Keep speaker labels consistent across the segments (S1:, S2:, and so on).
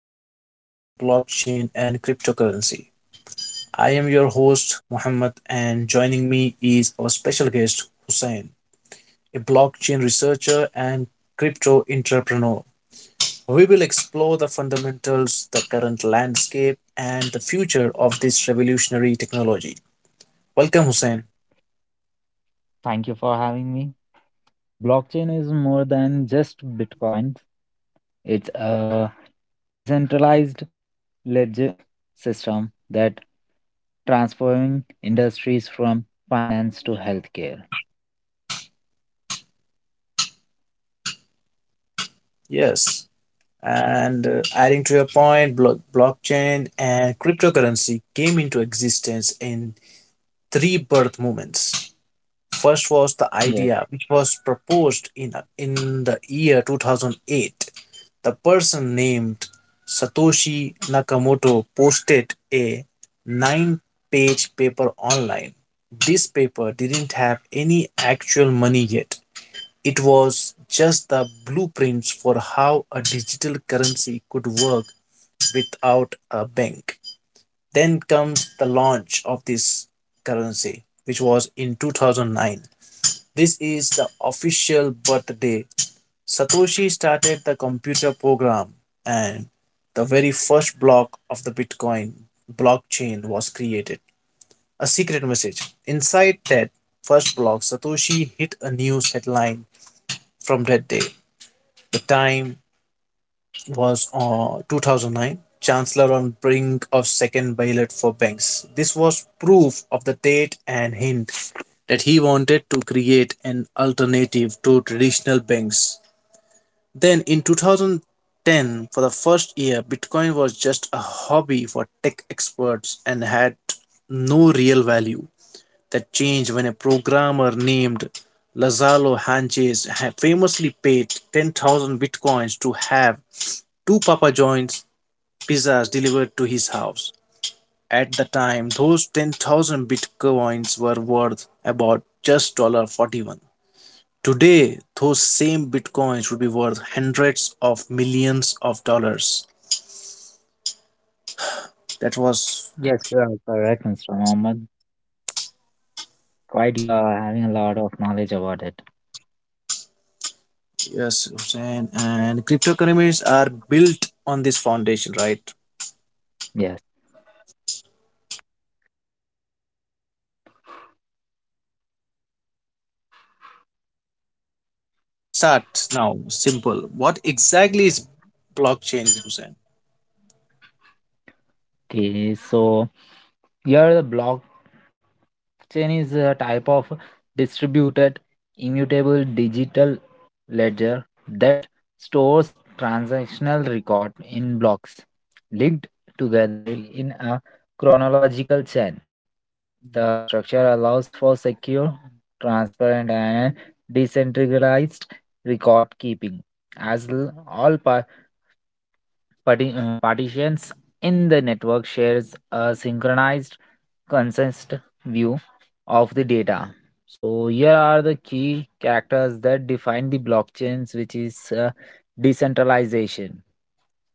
S1: deep dive into blockchain and cryptocurrency. I am your host Muhammad, and joining me is our special guest Hussein, a blockchain researcher and crypto entrepreneur. We will explore the fundamentals, the current landscape, and the future of this revolutionary technology. Welcome, Hussein.
S2: Thank you for having me. Blockchain is more than just Bitcoin, it's a decentralized ledger system that transforming industries from finance to healthcare.
S1: Yes. And adding to your point, blockchain and cryptocurrency came into existence in three birth moments. First was the
S2: Yes,
S1: idea, which was proposed in the year 2008. The person named Satoshi Nakamoto posted a 9 page paper online. This paper didn't have any actual money yet. It was just the blueprints for how a digital currency could work without a bank. Then comes the launch of this currency, which was in 2009. This is the official birthday. Satoshi started the computer program, and the very first block of the Bitcoin blockchain was created. A secret message. Inside that first block, Satoshi hit a news headline from that day. The time was 2009, chancellor on brink of second bailout for banks. This was proof of the date and hint that he wanted to create an alternative to traditional banks. Then in 2010, for the first year, bitcoin was just a hobby for tech experts and had no real value. That changed when a programmer named Lazaro Hanches famously paid 10,000 bitcoins to have two Papa John's pizzas delivered to his house. At the time, those 10,000 bitcoins were worth about just $41. Today, those same bitcoins would be worth hundreds of millions of dollars. That was,
S2: yes, you are correct, Mr. Mohammed. Quite you are having a lot of knowledge about it.
S1: yes, Hussein. And cryptocurrencies are built on this foundation, right?
S2: Yes.
S1: Let's start now. Simple. What exactly is blockchain, Hussein?
S2: Okay, so here the blockchain is a type of distributed immutable digital ledger that stores transactional record in blocks linked together in a chronological chain. The structure allows for secure, transparent, and decentralized record keeping, as all partitions in the network shares a synchronized condensed view of the data. So here are the key characters that define the blockchains, which is decentralization.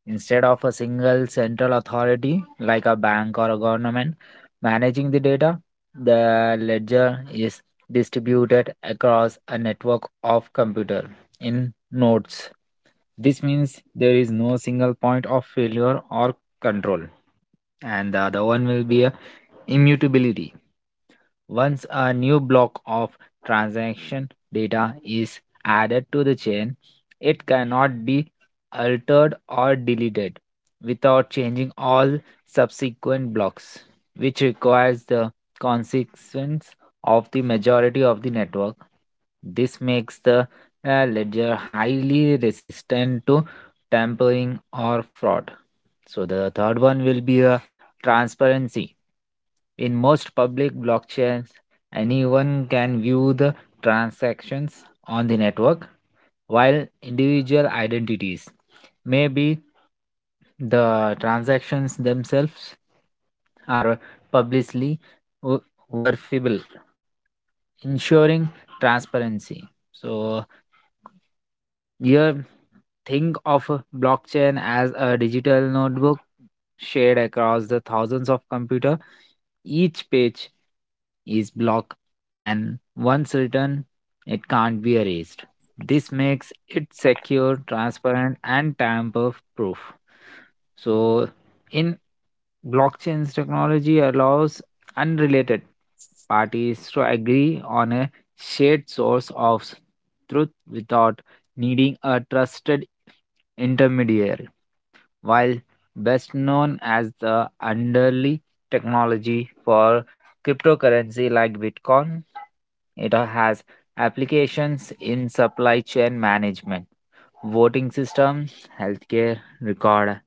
S2: Instead of a single central authority like a bank or a government managing the data, the ledger is distributed across a network of computer in nodes. This means there is no single point of failure or control. And the other one will be a immutability. Once a new block of transaction data is added to the chain, it cannot be altered or deleted without changing all subsequent blocks, which requires the consequence of the majority of the network. This makes the ledger highly resistant to tampering or fraud. So the third one will be a transparency. In most public blockchains, anyone can view the transactions on the network, while individual identities, maybe the transactions themselves, are publicly ver- verifiable, ensuring transparency. So, yeah, think of a blockchain as a digital notebook shared across the thousands of computer. Each page is blocked, and once written, it can't be erased. This makes it secure, transparent, and tamper proof. So, in blockchain's technology allows unrelated parties to agree on a shared source of truth without needing a trusted intermediary, while best known as the underly technology for cryptocurrency like Bitcoin, it has applications in supply chain management, voting system, healthcare, record,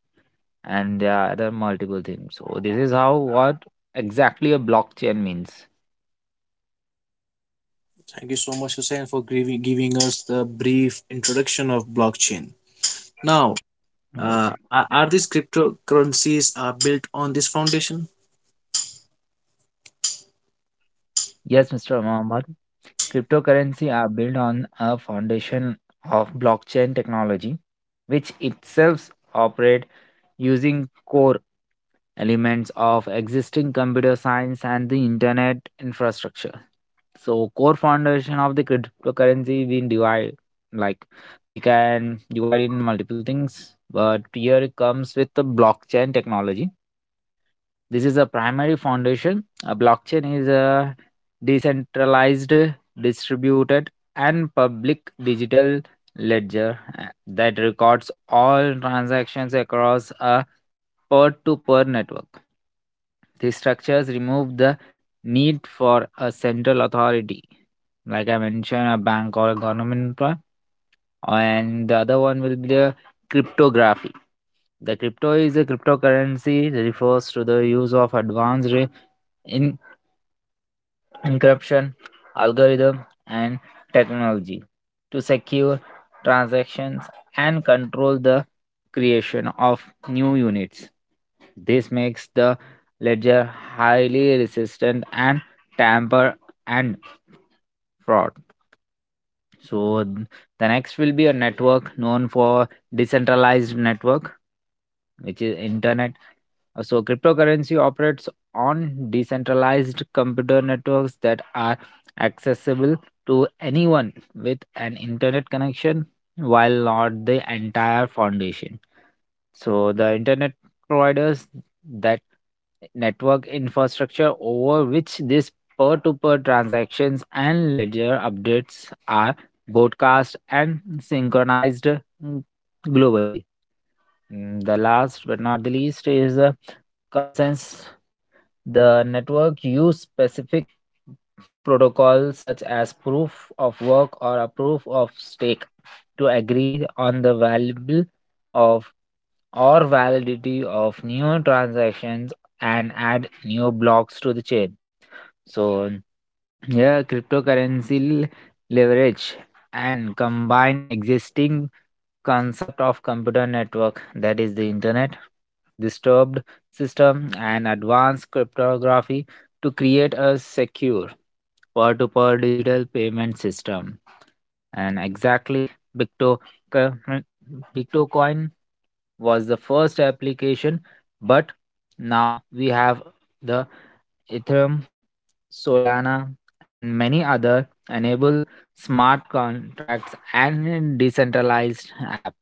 S2: and there are other multiple things. So this is how what exactly a blockchain means.
S1: Thank you so much, Hussein, for giving us the brief introduction of blockchain. Now,
S2: Uh,
S1: are these cryptocurrencies are built on this foundation?
S2: Yes, Mr. Mohammed. Cryptocurrency are built on a foundation of blockchain technology, which itself operate using core elements of existing computer science and the internet infrastructure. So core foundation of the cryptocurrency we divide, like we can divide in multiple things, but here it comes with the blockchain technology. This is a primary foundation. A blockchain is a decentralized, distributed, and public digital ledger that records all transactions across a peer to peer network. These structures remove the need for a central authority, like I mentioned, a bank or a government, employee. And the other one will be a cryptography. The crypto is a cryptocurrency refers to the use of advanced in- encryption algorithm and technology to secure transactions and control the creation of new units. This makes the ledger highly resistant and tamper and fraud. So the next will be a network known for decentralized network, which is internet. So, cryptocurrency operates on decentralized computer networks that are accessible to anyone with an internet connection, while not the entire foundation. So, the internet providers that network infrastructure over which these peer to peer transactions and ledger updates are broadcast and synchronized globally. The last but not the least is consensus. The network use specific protocols such as proof of work or a proof of stake to agree on the valuable of or validity of new transactions and add new blocks to the chain. So yeah, cryptocurrency leverage and combine existing concept of computer network, that is the internet, disturbed system, and advanced cryptography to create a secure peer-to-peer digital payment system. And exactly bitco- Bitcoin was the first application, but now we have the Ethereum, Solana, and many other enable smart contracts and decentralized app.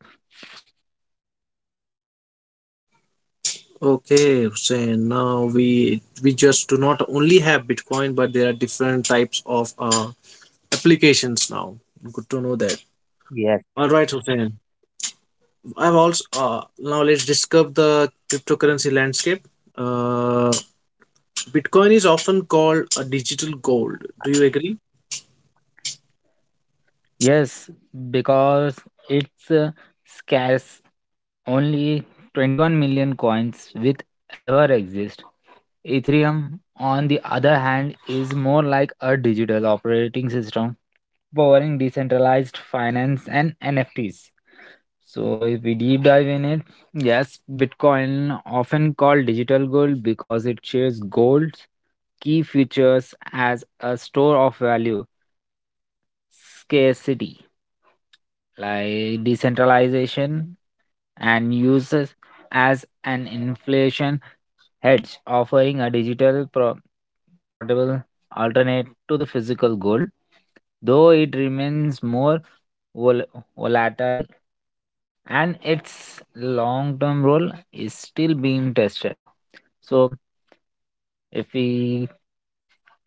S1: Okay, so now we just do not only have bitcoin, but there are different types of applications now. Good to know that.
S2: Yes.
S1: All right, Hussein. I've also now let's discuss the cryptocurrency landscape. uh, Bitcoin is often called a digital gold. Do you agree?
S2: Yes, because it's scarce. Only 21 million coins with ever exist. Ethereum, on the other hand, is more like a digital operating system powering decentralized finance and NFTs. So, if we deep dive in it, yes, Bitcoin, often called digital gold because it shares gold's key features as a store of value, scarcity, like decentralization, and uses as an inflation hedge, offering a digital portable alternate to the physical gold, though it remains more vol- volatile and its long term role is still being tested. So, if we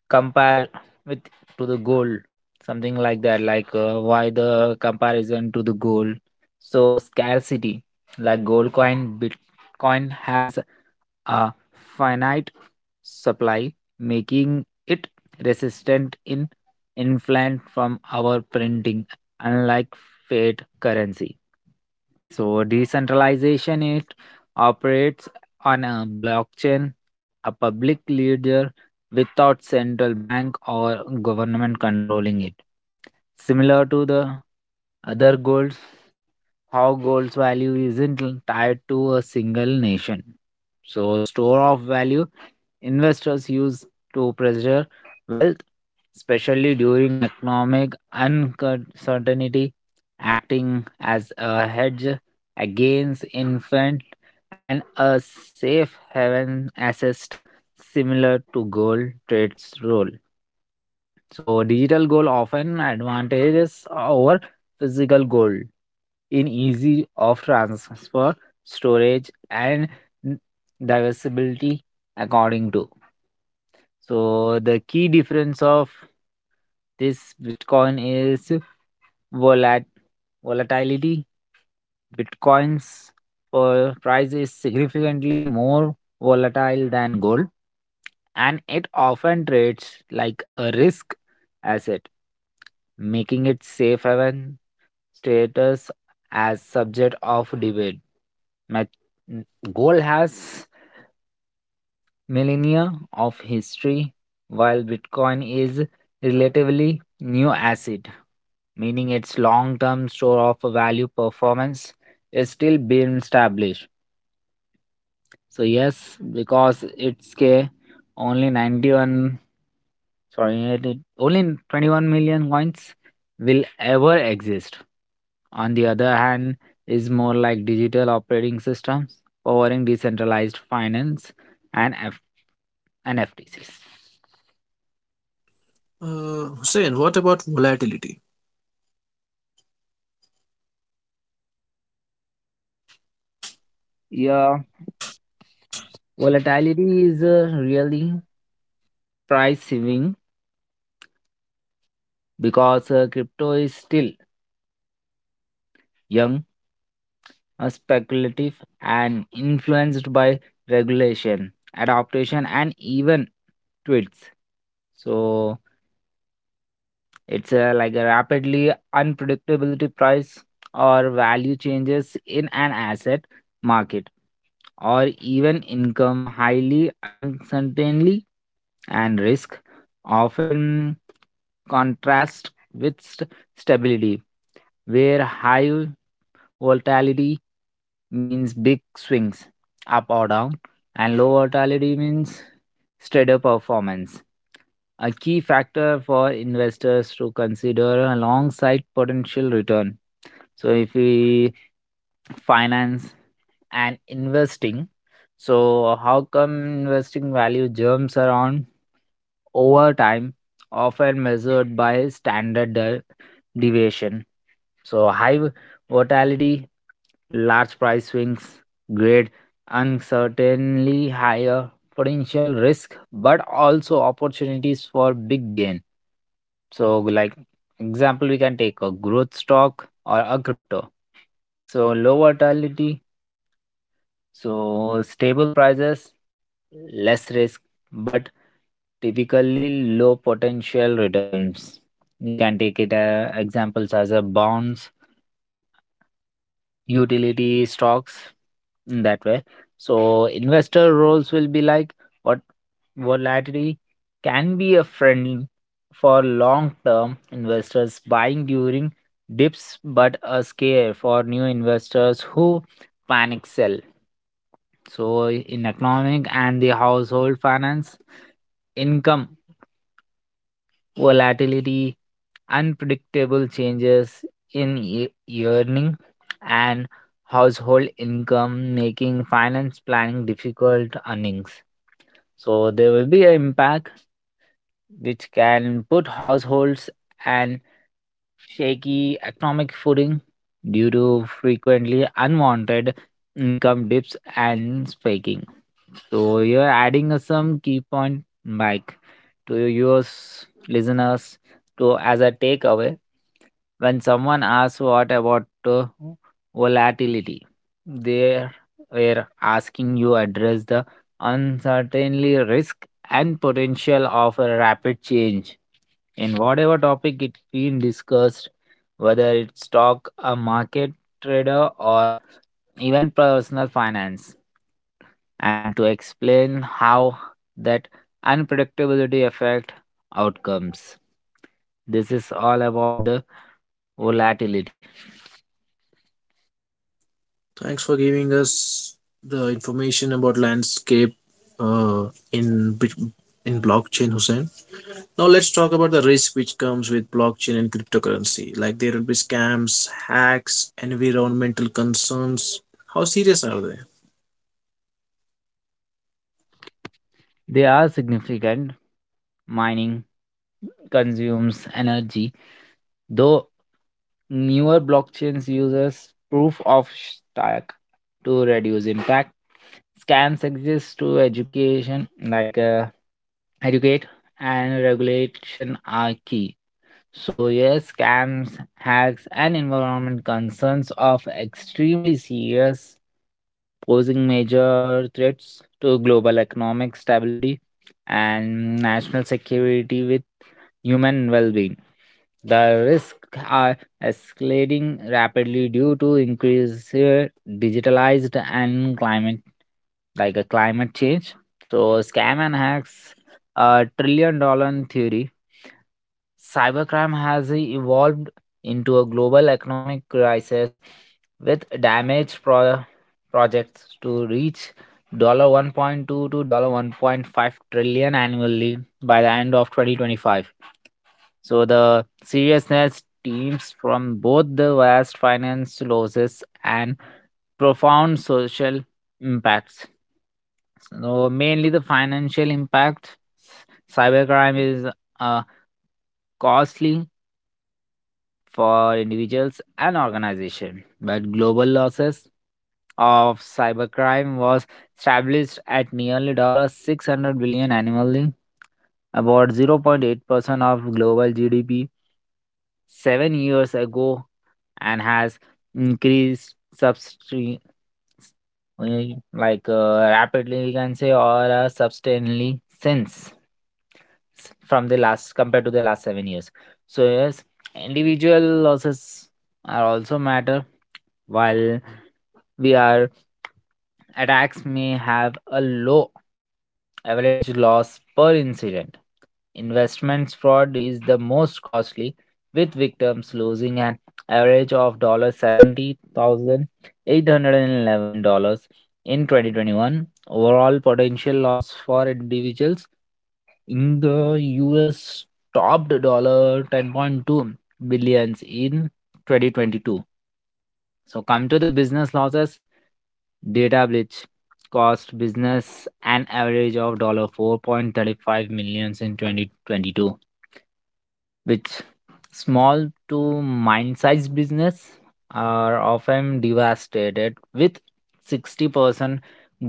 S2: compare with to the goal, something like that, like why the comparison to the goal? So scarcity, like gold coin, Bitcoin has a finite supply, making it resistant in inflation from our printing, unlike fiat currency. So decentralization, it operates on a blockchain, a public ledger without central bank or government controlling it. Similar to the other goals, how gold's value isn't tied to a single nation. So, store of value, investors use to preserve wealth, especially during economic uncertainty, acting as a hedge against infant and a safe haven assessed, similar to gold trade's role. So digital goal often advantages over physical goal in easy of transfer, storage, and n- diversibility according to. So the key difference of this Bitcoin is volat- volatility. Bitcoin's price is significantly more volatile than gold, and it often treats like a risk asset, making it safe haven status as subject of debate. Met- gold has millennia of history, while Bitcoin is relatively new asset, meaning its long-term store of value performance is still being established. So yes, because it's K only 91. Sorry, only 21 million coins will ever exist. On the other hand, is more like digital operating systems powering decentralized finance and NFTs.
S1: Hussein, what about volatility?
S2: Yeah, volatility is really price saving because crypto is still young, speculative, and influenced by regulation, adaptation, and even tweets. So it's like a rapidly unpredictability price or value changes in an asset market, or even income highly uncertainly and risk, often contrast with stability, where high volatility means big swings up or down, and low volatility means steadier performance. A key factor for investors to consider alongside potential return. So, if we finance and investing. So, how come investing value jumps around over time, often measured by standard deviation? So, high volatility, large price swings, great uncertainty, higher potential risk, but also opportunities for big gain. So, like example, we can take a growth stock or a crypto. So, low volatility, so stable prices, less risk, but typically low potential returns. You can take it examples as a bonds, utility stocks in that way. So investor roles will be like what volatility can be a friend for long term investors buying during dips but a scare for new investors who panic sell. So, in economic and the household finance, income volatility, unpredictable changes in earning, and household income making finance planning difficult earnings. So, there will be an impact which can put households and shaky economic footing due to frequently unwanted income dips and spiking. So you're adding some key point, Mike, to your listeners to as a takeaway. When someone asks what about volatility, they were asking you address the uncertainty, risk, and potential of a rapid change in whatever topic it being discussed, whether it's stock, a market trader, or even personal finance, and to explain how that unpredictability affect outcomes. This is all about the volatility.
S1: Thanks for giving us the information about landscape uh, in bit- in blockchain, Hussein. Now let's talk about the risk which comes with blockchain and cryptocurrency. Like, there will be scams, hacks, environmental concerns. How serious are they?
S2: They are significant. Mining consumes energy, though newer blockchains uses proof of stack to reduce impact. Scans exist to education, like educate, and regulation are key. So, yes, scams, hacks, and environment concerns are extremely serious, posing major threats to global economic stability and national security with human well being. The risks are escalating rapidly due to increased digitalized and climate, like a climate change. So scam and hacks, $1 trillion theory. Cybercrime has evolved into a global economic crisis with damage projects to reach $1.2 to $1.5 annually by the end of 2025. So the seriousness teams from both the vast finance losses and profound social impacts. So mainly the financial impact. Cybercrime is uh, costly for individuals and organizations, but global losses of cybercrime was established at nearly $600 annually, about 0.8% of global GDP. 7 years ago and has increased like rapidly we can say, or substantially since from the last, compared to the last 7 years. So yes, individual losses are also matter, while we are. Attacks may have a low average loss per incident. Investments fraud is the most costly, with victims losing an average of $70,811 in 2021. Overall potential loss for individuals in the US topped $10.2 in 2022. So, come to the business losses. Data breach cost business an average of dollar 4.35 millions in 2022, which small to mine sized business are often devastated with 60%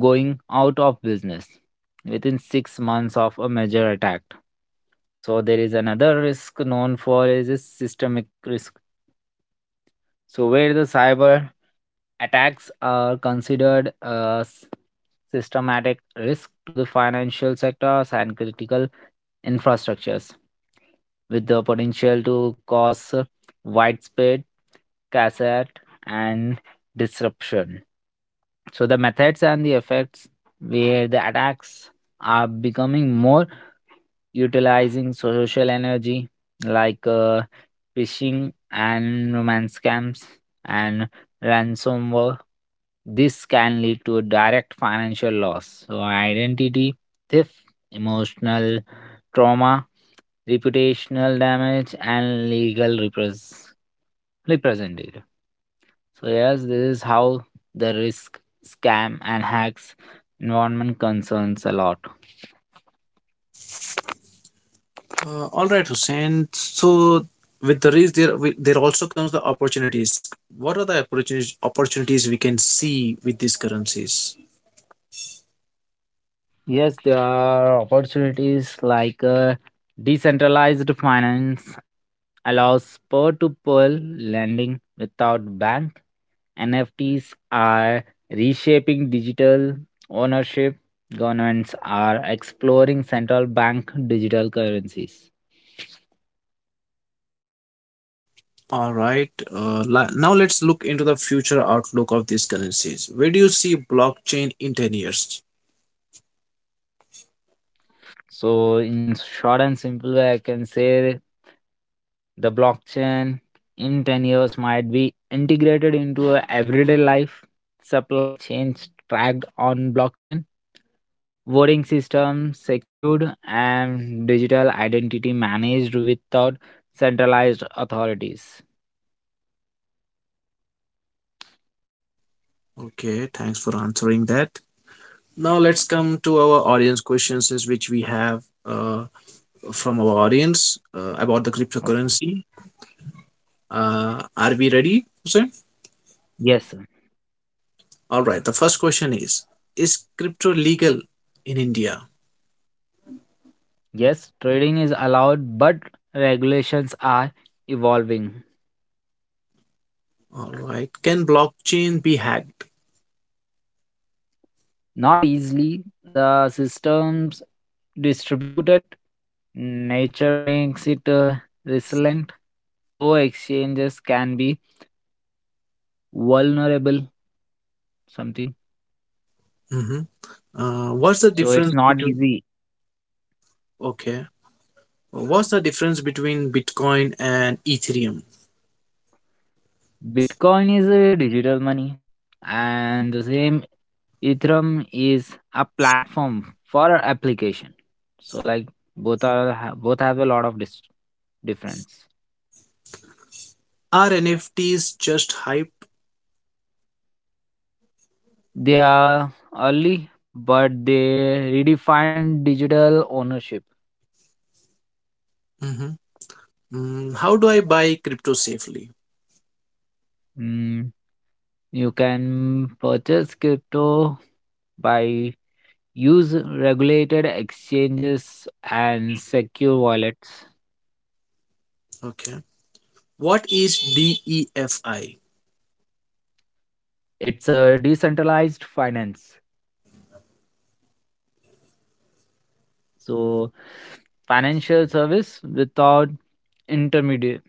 S2: going out of business within 6 months of a major attack. So there is another risk known for is a systemic risk. So where the cyber attacks are considered a systematic risk to the financial sectors and critical infrastructures, with the potential to cause widespread cassette and disruption. So, the methods and the effects where the attacks are becoming more utilizing social energy like phishing and romance scams and ransomware. This can lead to a direct financial loss. So, identity theft, emotional trauma, reputational damage, and represented. So, yes, this is how the risk, scam, and hacks environment concerns a lot.
S1: All right, Hussein. So with the risk, there also comes the opportunities. What are the opportunities we can see with these currencies?
S2: Yes, there are opportunities like decentralized finance allows peer-to-peer lending without bank. NFTs are reshaping digital ownership. Governments are exploring central bank digital currencies.
S1: All right. Now let's look into the future outlook of these currencies. Where do you see blockchain in 10 years?
S2: So, in short and simple way, I can say the blockchain in 10 years might be integrated into a everyday life, supply chains tracked on blockchain, voting systems secured, and digital identity managed without centralized authorities.
S1: Okay, thanks for answering that. Now let's come to our audience questions, is which we have from our audience about the
S2: Okay.
S1: cryptocurrency. Are we ready, Hussain?
S2: Yes, sir.
S1: All right. The first question is crypto legal in India?
S2: Yes, trading is allowed, but regulations are evolving.
S1: All right. Can blockchain be hacked?
S2: Not easily. The system's distributed nature makes it resilient, though exchanges can be vulnerable. Something,
S1: Mm-hmm. What's the
S2: so it's
S1: difference
S2: not
S1: between.
S2: easy.
S1: Okay. What's the difference between Bitcoin and Ethereum?
S2: Bitcoin is a digital money, and the same Ethereum is a platform for application. So like both have a lot of difference.
S1: Are NFTs just hype?
S2: They are early, but they redefine digital ownership.
S1: Mhm. Mm, how do I buy crypto safely?
S2: Mm, you can purchase crypto by use regulated exchanges and secure wallets.
S1: Okay. What is DEFI?
S2: It's a decentralized finance. So financial service without intermediate.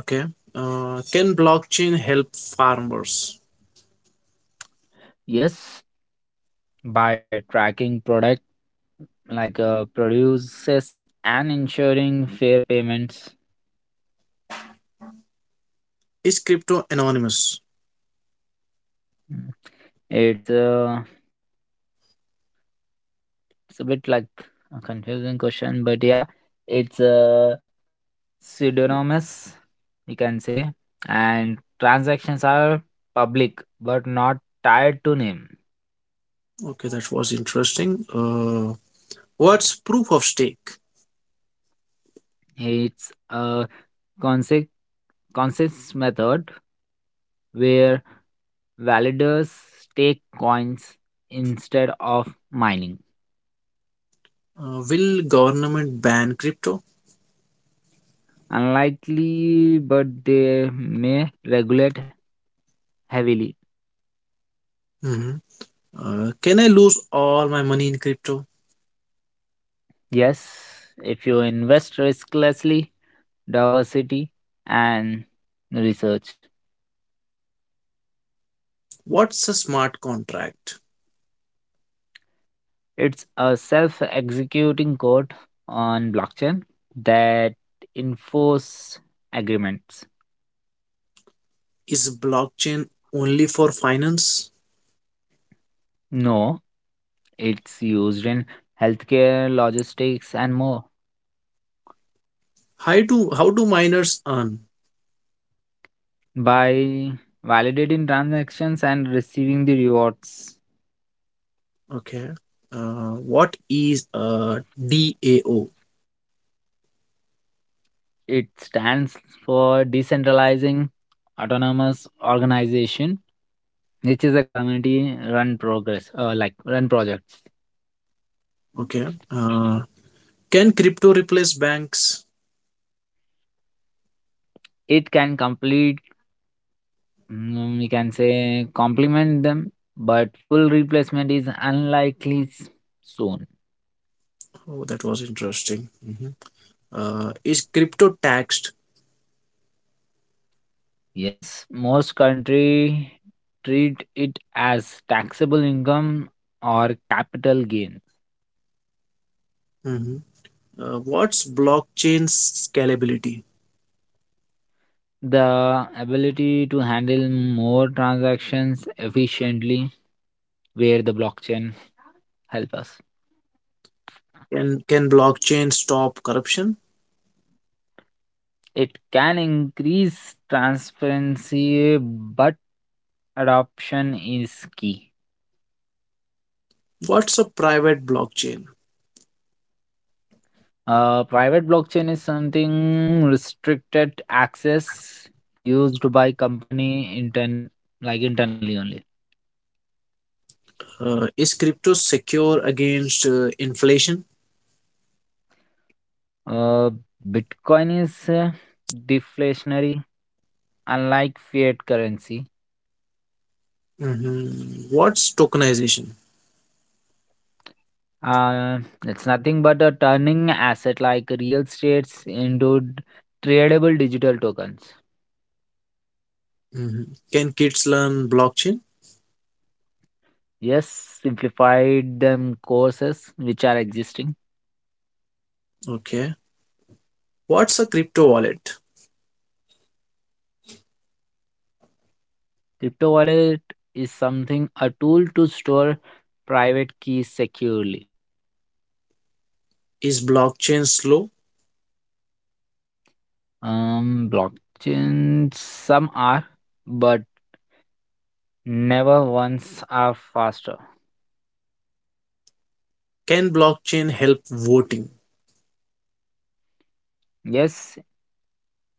S1: Okay. Can blockchain help farmers?
S2: Yes, by tracking product like produces and ensuring fair payments.
S1: Is crypto anonymous?
S2: Mm. It's uh, it's a bit like a confusing question, but yeah, it's pseudonymous, you can say, and transactions are public but not tied to name.
S1: Okay, that was interesting. What's proof of stake?
S2: It's a concept consensus method where validators stake coins instead of mining.
S1: Will government ban crypto?
S2: Unlikely, but they may regulate heavily.
S1: Mhm. Can I lose all my money in crypto?
S2: Yes, if you invest risklessly, diversity, and research.
S1: What's a smart contract?
S2: It's a self executing code on blockchain that enforce agreements.
S1: Is blockchain only for finance?
S2: No, it's used in healthcare, logistics, and more.
S1: How do miners earn?
S2: By validating transactions and receiving the rewards,
S1: Okay, what is DAO?
S2: it stands for decentralizing autonomous organization which is a community run progress like run projects.
S1: Okay. Uh, can crypto replace banks?
S2: It can complete, mm, we can say complement them, but full replacement is soon.
S1: Oh, that was interesting. Mhm. Uh, is crypto taxed?
S2: Yes, most country treat it as taxable income or capital gain.
S1: Mhm. Uh, what's blockchain scalability?
S2: The ability to handle more transactions efficiently, where the blockchain help us.
S1: Can blockchain stop corruption?
S2: It can increase transparency, but adoption is key.
S1: What's a private blockchain?
S2: Private blockchain is something restricted access used by company internally only.
S1: Uh, is crypto secure against inflation?
S2: Uh, Bitcoin is deflationary, unlike fiat currency.
S1: Mhm. What's tokenization?
S2: Uh, it's nothing but a turning asset like real estates into tradable digital tokens.
S1: Mhm. Can kids learn blockchain?
S2: Yes, simplified them courses which are existing.
S1: Okay. What's a crypto wallet?
S2: Crypto wallet is something a tool to store private keys securely.
S1: Is blockchain slow?
S2: Blockchain some are, but never once are faster.
S1: Can blockchain help voting?
S2: Yes,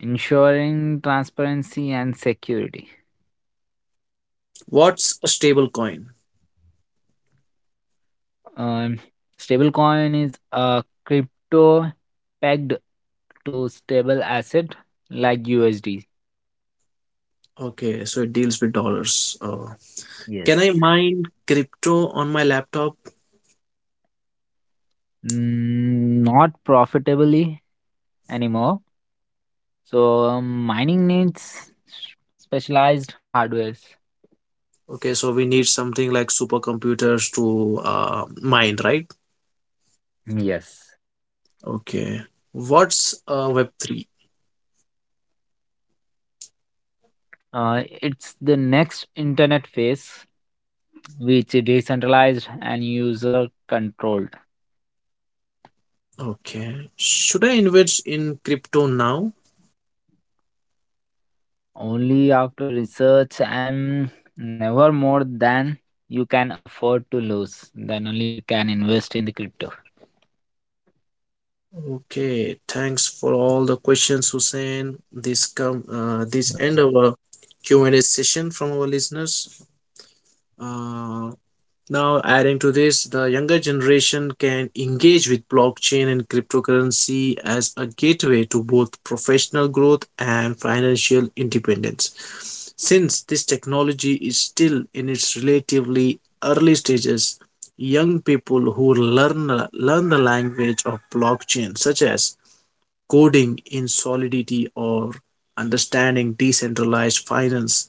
S2: ensuring transparency and security.
S1: What's a stable coin?
S2: Um, stablecoin is a crypto pegged to stable asset like USD.
S1: Okay, so it deals with dollars. Can I
S2: Yes.
S1: mine crypto on my laptop?
S2: Mm, not profitably anymore. So mining needs specialized hardwares.
S1: Okay, so we need something like supercomputers to mine, right?
S2: Yes.
S1: Okay. What's Web3?
S2: It's the next internet phase, which is decentralized and user controlled.
S1: Okay. Should I invest in crypto now?
S2: Only after research and never more than you can afford to lose. Then only you can invest in the crypto.
S1: Okay, thanks for all the questions, Hussein. This come this end our Q and A session from our listeners. Uh, now, adding to this, the younger generation can engage with blockchain and cryptocurrency as a gateway to both professional growth and financial independence. Since this technology is still in its relatively early stages, young people who learn the language of blockchain, such as coding in solidity or understanding decentralized finance,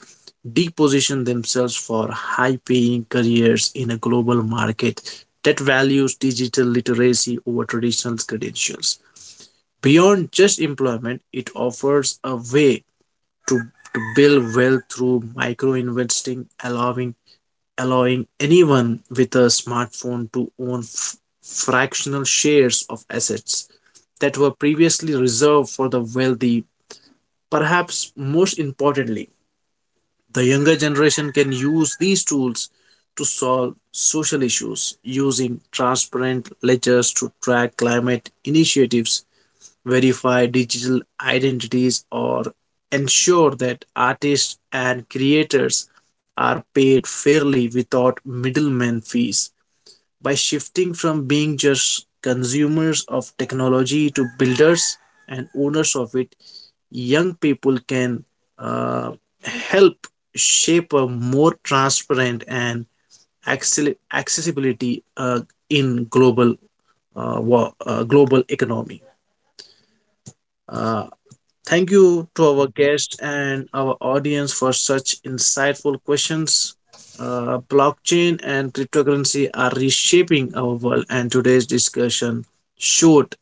S1: deposition themselves for high paying careers in a global market that values digital literacy over traditional credentials. Beyond just employment, it offers a way to, to build wealth through micro investing, allowing anyone with a smartphone to own fractional shares of assets that were previously reserved for the wealthy. Perhaps most importantly, the younger generation can use these tools to solve social issues, using transparent ledgers to track climate initiatives, verify digital identities, or ensure that artists and creators are paid fairly without middleman fees. By shifting from being just consumers of technology to builders and owners of it, young people can uh, help shape a more transparent and accessibility in global global economy. Uh, Thank you to our guests and our audience for such insightful questions. Blockchain and cryptocurrency are reshaping our world, and today's discussion showed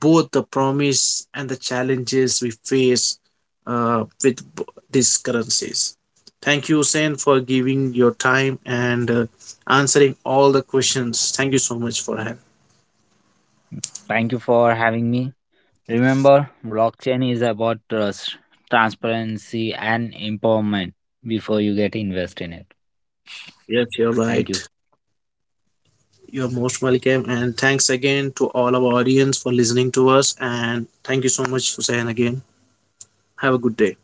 S1: both the promise and the challenges we face uh, with b- these currencies. Thank you, Sen, for giving your time and answering all the questions. Thank you so much for having.
S2: Thank you for having me. Remember, blockchain is about trust, transparency, and empowerment before you get invest in it.
S1: Yes, you're
S2: Thank you.
S1: right. You're most welcome, and thanks again to all our audience for listening to us. And thank you so much, Hussein, again. Have a good day.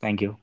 S2: Thank you.